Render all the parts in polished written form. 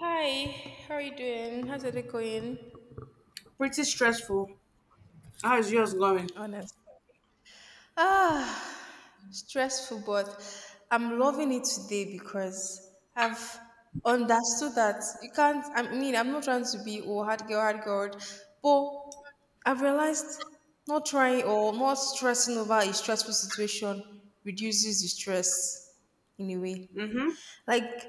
Hi, how are you doing? How's it going? Pretty stressful. How is yours going? Honest. Ah, stressful, but I'm loving it today because I've understood that you can't. I mean, I'm not trying to be oh hard girl, but I've realized not trying or not stressing over a stressful situation reduces the stress in a way. Mm-hmm. Like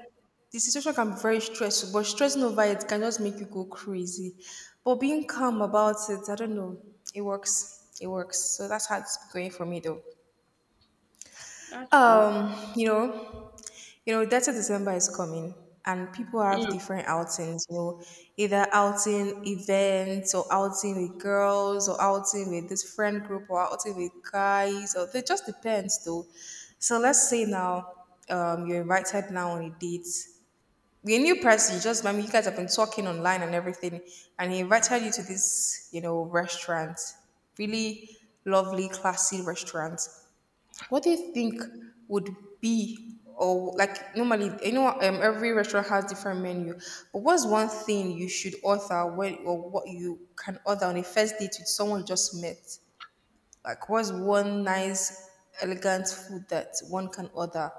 the situation can be very stressful, but stressing over it can just make you go crazy. But being calm about it, I don't know, it works. It works. So that's how it's going for me though. That's good. Um, you know, 30 December is coming and people have Mm. different outings, either outing events or outing with girls or outing with this friend group or outing with guys or it just depends though. So let's say now you're invited now on a date, you're a new person. You just, I mean, you guys have been talking online and everything, and he invited you to this, you know, restaurant, really lovely, classy restaurant. What do you think would be, or like normally, you know, every restaurant has different menu, but what's one thing you should order when, or what you can order on a first date with someone you just met? Like, what's one nice, elegant food that one can order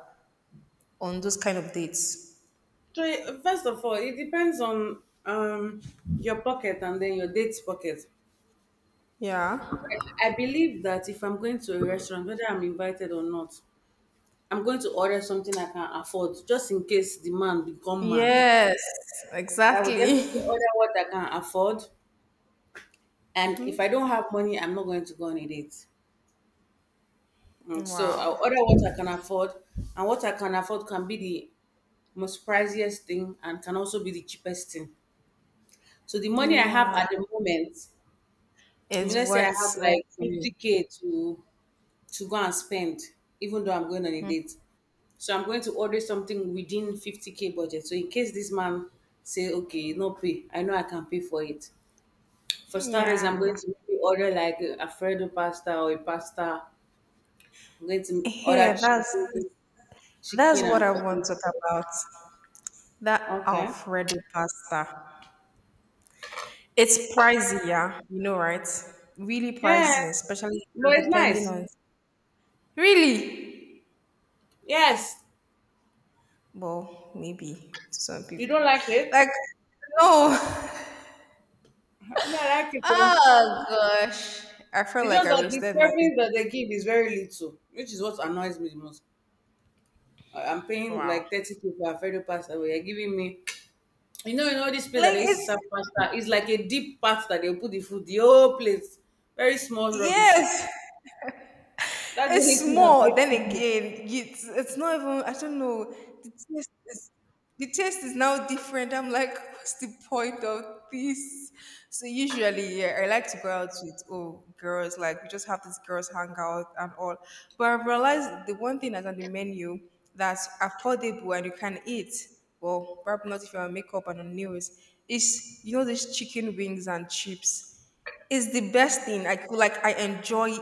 on those kind of dates? So first of all, it depends on um your pocket and then your date's pocket. Yeah. I believe that if I'm going to a restaurant, whether I'm invited or not, I'm going to order something I can afford, just in case the man become mad. Yes, I will definitely exactly. order what I can afford, and if I don't have money, I'm not going to go on a date. So Wow. I'll order what I can afford, and what I can afford can be the most priciest thing and can also be the cheapest thing. So the money I have Yeah, at the moment, is let's say I have what's like okay. 50k to go and spend, even though I'm going on a Mhm. date. So I'm going to order something within 50k budget. So in case this man say, okay, no pay, I know I can pay for it. For starters, I'm going Yeah. to maybe order like a Alfredo pasta or a pasta. I'm going Yeah, to order hey, chicken, that's chicken what and I curry. want to talk about. That Okay. Alfredo pasta. It's pricey, yeah, you know, right? Really Yeah, pricey, especially but it's depending nice. on really. Yes, Well, maybe to some you people. don't like it? Like, no. I mean, I like it though. Oh gosh. I felt It's like just I that the wasted my money. service that they give is very little, which is what annoys me the most. I'm paying Wow. like 30k for Alfredo pasta, but you're giving me, you know this plate that Like they used to it's serve pasta. It's like a deep part that they put the food, the whole plate, very small rubbish. yes, That's the it's only thing that small. Then vexes me. again, it's not even. I don't know. The taste is now different. I'm like, what's the point of this? So usually, yeah, I like to go out with oh girls. Like we just have this girls hangout and all. But I've realized the one thing that's on the menu that's affordable and you can eat. Well, probably not if you're on makeup and on nails. Is you know these chicken wings and chips. It's the best thing. I could like I enjoy it.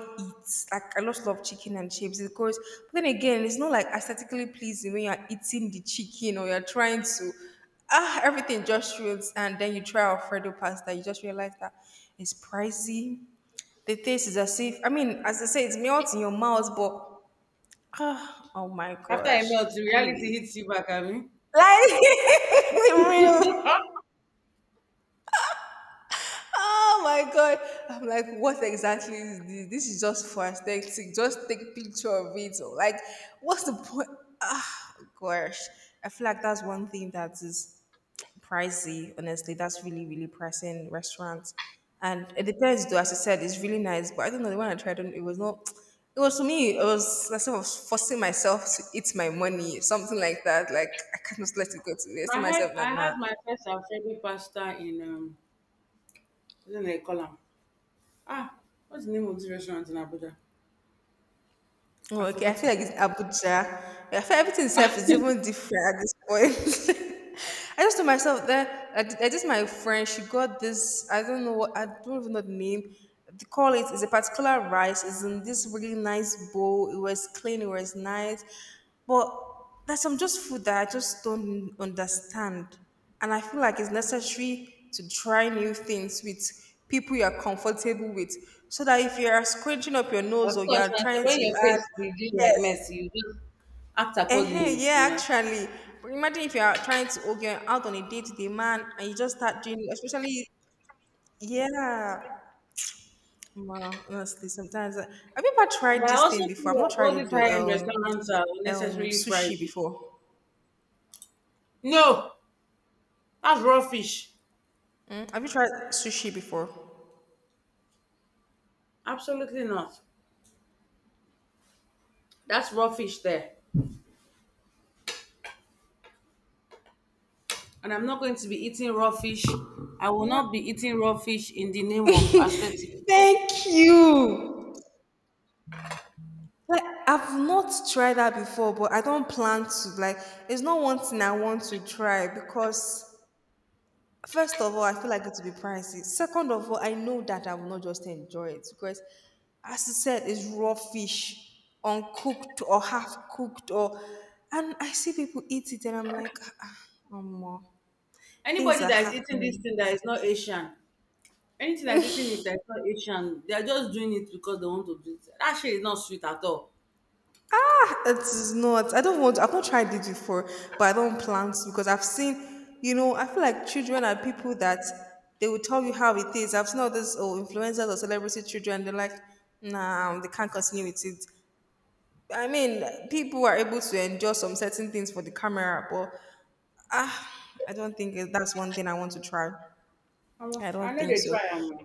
Like I just love chicken and chips because but then again, it's not like aesthetically pleasing when you're eating the chicken or you're trying to everything just ruins and then you try Alfredo pasta, you just realize that it's pricey. The taste is as if I mean, as I say, it melts in your mouth, but oh my After I gosh. melt, the reality Anyway. hits you back at me. Like the real. Oh my god! I'm like, what exactly is this? This is just for aesthetic. Just take picture of it. Or like, what's the point? Ah, gosh. I feel like that's one thing that is pricey. Honestly, that's really, really pricey in restaurants. And it depends, though. As I said, it's really nice, but I don't know. The one I tried, it was not. It was to me. It was like I was forcing myself to eat my money, something like that. Like I can't just let it go to waste. I told I had myself that I nah. had my first Alfredo pasta in what do they call them? Ah, what's the name of this restaurant in Abuja? Oh, I've okay. I feel forgotten. like it's Abuja. I feel everything itself is even different at this point. I just told myself that I did my friend. She got this. I don't know what. I don't even know the name. They call it. It's a particular rice. It's in this really nice bowl. It was clean. It was nice, but there's some just food that I just don't understand. And I feel like it's necessary to try new things with people you are comfortable with. So that if you are scrunching up your nose Of or you are course, and so trying when your to add, face begins yes, like mess, you just act accordingly, you yeah, know. actually. But imagine if you are trying to, okay, out on a date with a man and you just start doing, especially, yeah. Wow, honestly, sometimes. I, have you ever tried But I this thing also before? feel I've not like tried all it these high-end though. Restaurants are unnecessarily Sushi pricey. before. No, that's raw fish. Mm, have you tried sushi before? Absolutely not. That's raw fish there. And I'm not going to be eating raw fish. I will Yeah. not be eating raw fish in the name of aesthetic. Thank you. Like I've not tried that before, but I don't plan to. Like it's not one thing I want to try because first of all, I feel like it will be pricey. Second of all, I know that I will not just enjoy it because, as I said, it's raw fish, uncooked or half cooked, or and I see people eat it and I'm like, ah, ah, omo, things Anybody are that is eating this happening. thing that is not Asian, anything that's eating it that's not Asian, they're just doing it because they want to do it. That shit is not sweet at all. It is not. I don't want. To. I've not tried it before, but I don't plan to because I've seen. You know, I feel like children are people that they will tell you how it is. I've seen all these oh, influencers or celebrity children. They're like, nah, they can't continue with it. I mean, people are able to endure some certain things for the camera, but ah, I don't think that's one thing I want to try. Omo, I I don't know think they so. try am.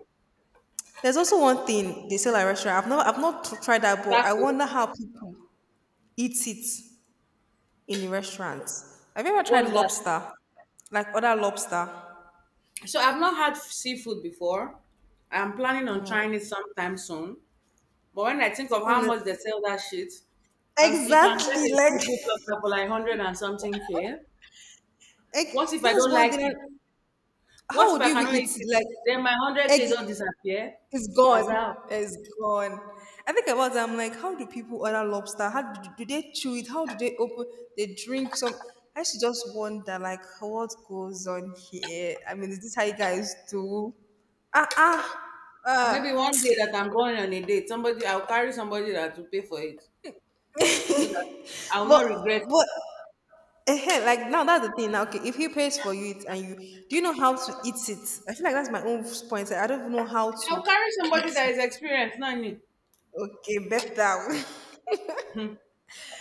There's also one thing they sell at restaurant. I've not tried that, but I Taco, wonder how people eat it in the restaurant. Have you ever tried what's that? lobster? Like other lobster? So I've not had seafood before. I'm planning on No. trying it sometime soon. But when I think of On how the, much they sell that shit, and you can exactly. get a seafood platter for like hundred and something k. Like What if I that's don't one thing. like And it? how What if would I you even cannot eat eat it? it? Like, Then my hundred egg k don't disappear. is As gone. how? It's gone. I think about it. I'm like, how do people order lobster? How do, do they chew it? How do they open? They drink some. I used to just wonder, like, what goes on here? I mean, is this how you guys do? Ah, ah, Maybe ah. one day that I'm going on a date, somebody I'll carry somebody that will pay for it, so that I will But, not regret it. but ehen, like now that's the thing now, okay, if he pays for you it and you do you know how to eat it, I feel like that's my own point, I don't even know how I'll to carry eat somebody that it, is experienced, not me. okay, better. Hmm.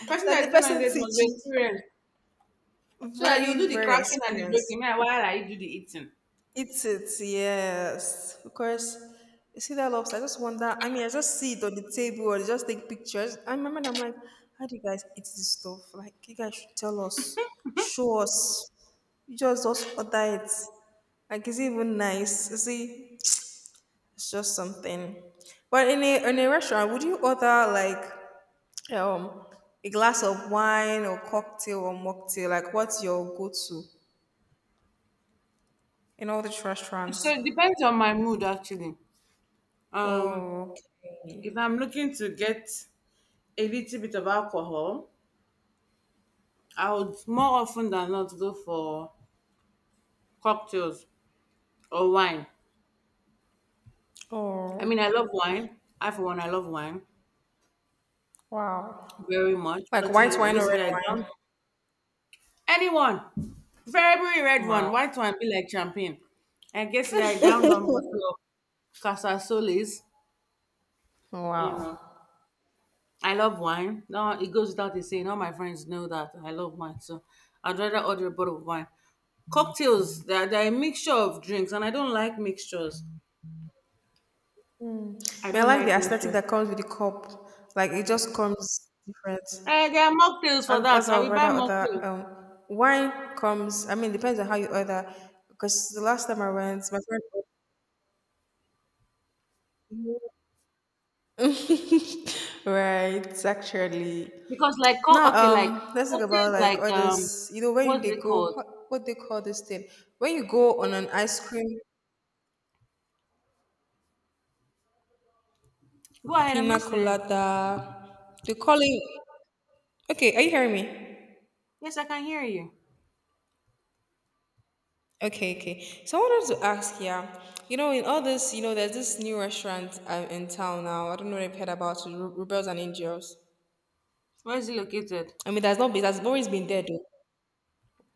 The person That that the is going on a person date teach must be you experienced. So that you very do the very cracking and the experienced breaking, meanwhile I do the eating. eat it, yes, because you see that lobster, I just wonder, I mean I just see it on the table or they just take pictures I remember and I'm like how do you guys eat this stuff, like you guys should tell us, show us. You just order it. Like, is it even nice? You see, it's just something. But in a restaurant, would you order like um a glass of wine or cocktail or mocktail? Like what's your go-to in all these So restaurants? it depends on my mood actually. Um, Oh, if I'm okay. looking to get a little bit of alcohol, I would more often than not go for cocktails or wine. I Oh, mean, I love wine. I for one, I love wine wow. very much. Like But white wine or red yesterday I drank wine? anyone, very red one, Wow. white one, be like champagne. I guess that I downed one bottle of Casa Solis, you know. Wow. I love wine. No, it goes without a saying. All my friends know that I love wine, so I'd rather order a bottle of wine. Cocktails, they're a mixture of drinks, and I don't like mixtures. I But I don't like the like aesthetic mixtures. that comes with the cup. Like it just comes different. There are mocktails for That's that. I how I will buy rather order. mocktails Wine comes. I mean, depends on how you order. Because the last time I went, my friend right, actually. because, like, Now, okay, like let's talk about cocktails, like like all this. You know, when what's they it go, called? What they call this thing? When you go on an ice cream Go ahead, I'm pina listening. colada, they call it. Okay, are you hearing me? Yes, I can hear you. Okay, okay. So I wanted to ask, yeah, you know, in all this, you know, there's this new restaurant in town now. I don't know if you've heard about it, Rebels and Angels. Where is it located? I mean, that's not. That's always been there, though.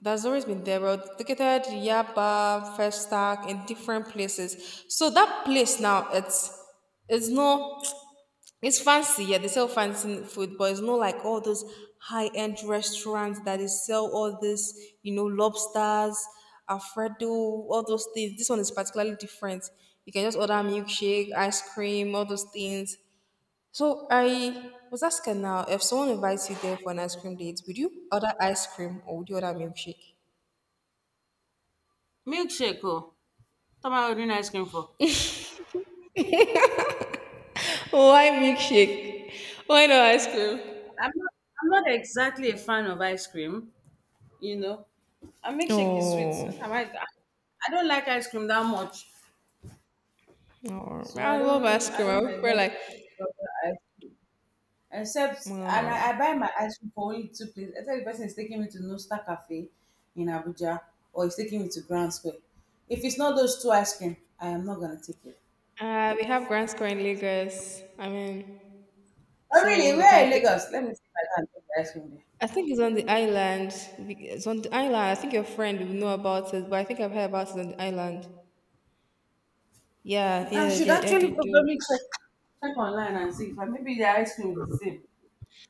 That's always been there, but located Yaba, Festac, in different places. So that place now, it's no, it's fancy. Yeah, they sell fancy food, but it's not like all those high end restaurants that they sell all this, you know, lobsters, Alfredo, all those things. This one is particularly different. You can just order milkshake, ice cream, all those things. So I was asking now, if someone invites you there for an ice cream date, would you order ice cream or would you order milkshake? Milkshake. Oh, what am I ordering ice cream for? Why milkshake? Why not ice cream? I'm not, I'm not exactly a fan of ice cream. you know. And milkshake is sweet. What am Oh, I don't like ice cream that much, oh, so I I love don't ice I cream. I don't prefer like, exactly prefer ice cream. Except, and oh. I buy my ice cream for only two places. Except the person is taking me to Nosta Cafe in Abuja, or he's taking me to Grand Square. If it's not those two ice cream, I am not gonna take it. We have Grand Square in Lagos. I mean, But so really, they where can in take. Lagos? Let me see if I can take the ice cream I think it's on the island. It's on the island. I think your friend will know about it, but I think I've heard about it on the island. Yeah, there. I yeah, should yeah, yeah. They actually do. probably check online and see if I, maybe the ice cream is the same.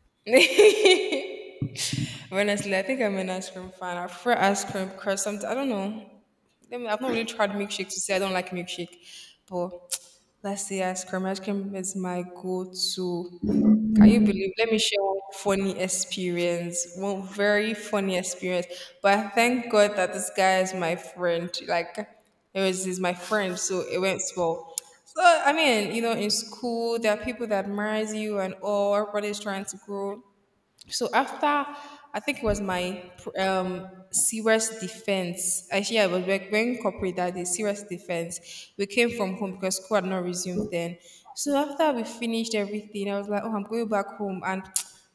Honestly, I think I'm an ice cream fan. I prefer ice cream because sometimes I don't know. I mean, I've not really tried milkshake to say I don't like milkshake, but let's say ice cream. Ice cream is my go-to. Can you believe? Let me share one funny experience. One very funny experience. But thank God that this guy is my friend. Like, it was he's my friend, so it went well. So I mean, you know, in school there are people that admires you and all. Everybody's trying to grow. So after, I think it was my serious defense. Actually, I was wearing corporate that day, serious defense. We came from home because school had not resumed then. So after we finished everything, I was like, oh, I'm going back home. And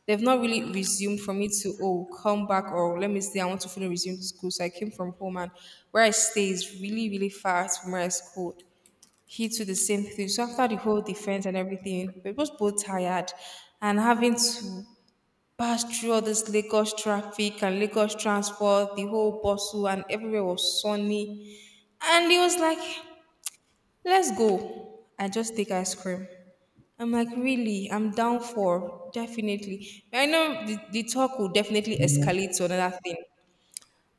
they've not really resumed for me to, oh, come back or let me stay. I want to fully resume to school. So I came from home and where I stay is really, really far from where I schooled he to the same thing. So after the whole defense and everything, we was both tired and having to passed through all this Lagos traffic and Lagos transport. The whole bustle and everywhere was sunny. And he was like, let's go. I just take ice cream. I'm like, really? I'm down for definitely. I know the talk will definitely escalate to another thing.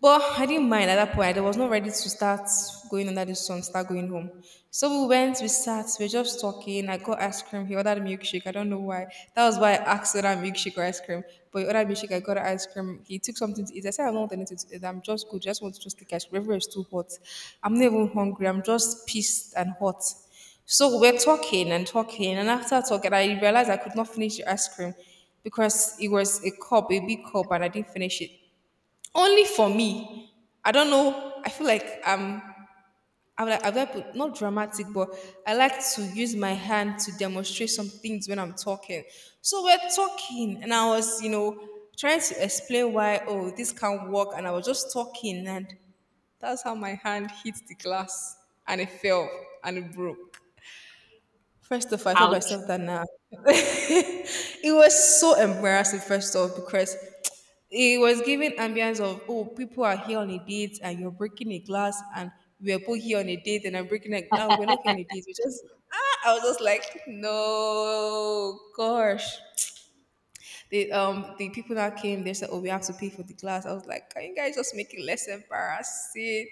But I didn't mind at that point. I was not ready to start going under the sun, start going home. So we went, we sat, we were just talking. I got ice cream. He ordered milkshake. I don't know why. That was why I asked whether milkshake or ice cream. But he ordered milkshake. I got ice cream. He took something to eat. I said, I don't want anything to eat. I'm just good. Just want to just take ice cream. Everywhere is too hot. I'm not even hungry. I'm just pissed and hot. So we're talking and talking. And after talking, I realized I could not finish the ice cream because it was a cup, a big cup, and I didn't finish it. Only for me. I don't know. I feel like I'm. I'm like I've got put- not dramatic, but I like to use my hand to demonstrate some things when I'm talking. So we're talking, and I was, trying to explain why oh this can't work, and I was just talking, and that's how my hand hit the glass, and it fell, and it broke. First of all, I told Ouch. myself that now. It was so embarrassing, first off, because it was giving ambience of oh, people are here on a date and you're breaking a glass and we are both here on a date and I'm breaking a glass. We're not here on a date. We just ah, I was just like, no, gosh. The people that came, they said, oh, we have to pay for the glass. I was like, can you guys just make it less embarrassing?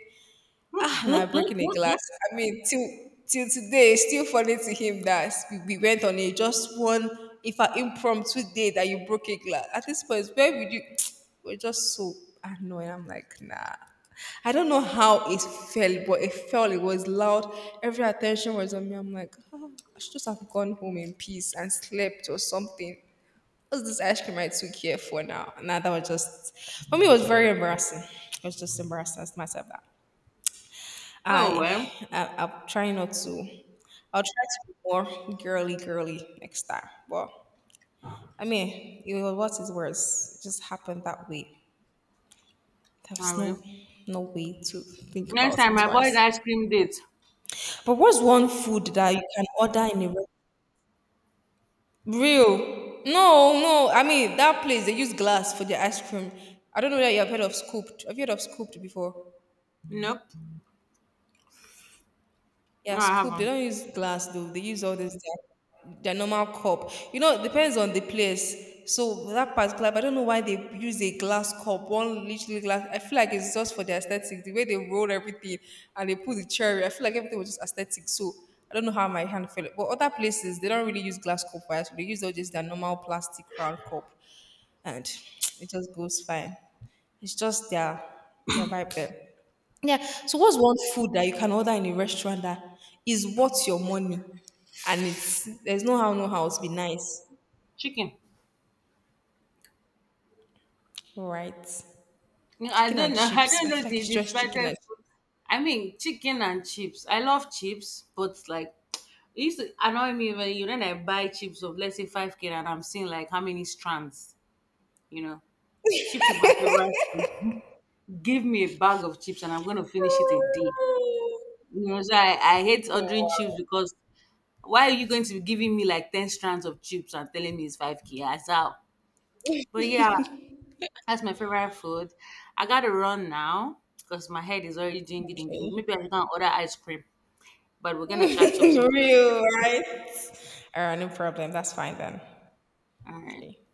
Ah, now breaking a glass. I mean, till today, it's still funny to him that we went on a just one, if an impromptu day that you broke a glass. At this point, where would you? We're just so annoyed. I'm like, nah. I don't know how it felt, but it felt it was loud. Every attention was on me. I'm like, oh, I should just have gone home in peace and slept or something. What's this ice cream I took here for now? Nah, that was just for me. It was very embarrassing. It was just embarrassing as much as that. Oh well, I'll try not to. I'll try to be more girly girly next time. But I mean, it was what it was. It just happened that way. There I was no will. no way to think Next about it time, I avoid twice. ice cream dates. But what's one food that you can order in a restaurant? Real? No, no, I mean that place they use glass for their ice cream. I don't know that you have heard of scooped. Have you heard of scooped before? Nope. Yeah, No, I scoop. They haven't. don't use glass though. They use all this their normal cup. You know, it depends on the place. So that particular, but I don't know why they use a glass cup, one literally glass. I feel like it's just for the aesthetic. The way they roll everything and they put the cherry, I feel like everything was just aesthetic. So I don't know how my hand felt. But other places, they don't really use glass cup for ice. They use all just their normal plastic round cup and it just goes fine. It's just their vibe there. Yeah. So what's one food that you can order in a restaurant that is worth your money and it's there's no how no how it's be nice. Chicken. All right. No, I Chicken don't and know. I chips. don't I know feel like the, it's the just chicken and slightest food. I mean, chicken and chips. I love chips, but like, it used to annoy me when I buy chips of let's say 5K and I'm seeing like how many strands. You know, chips is my favorite food. Give me a bag of chips and I'm going to finish it in a day. So I hate ordering chips oh, because why are you going to be giving me like 10 strands of chips and telling me it's 5K? That's how. But yeah, that's my favorite food. I gotta run now because my head is already doing gidding gidding. okay. Maybe I can order ice cream, but we're gonna catch up some. Real, right? All right, no problem. That's fine then. All right. Okay.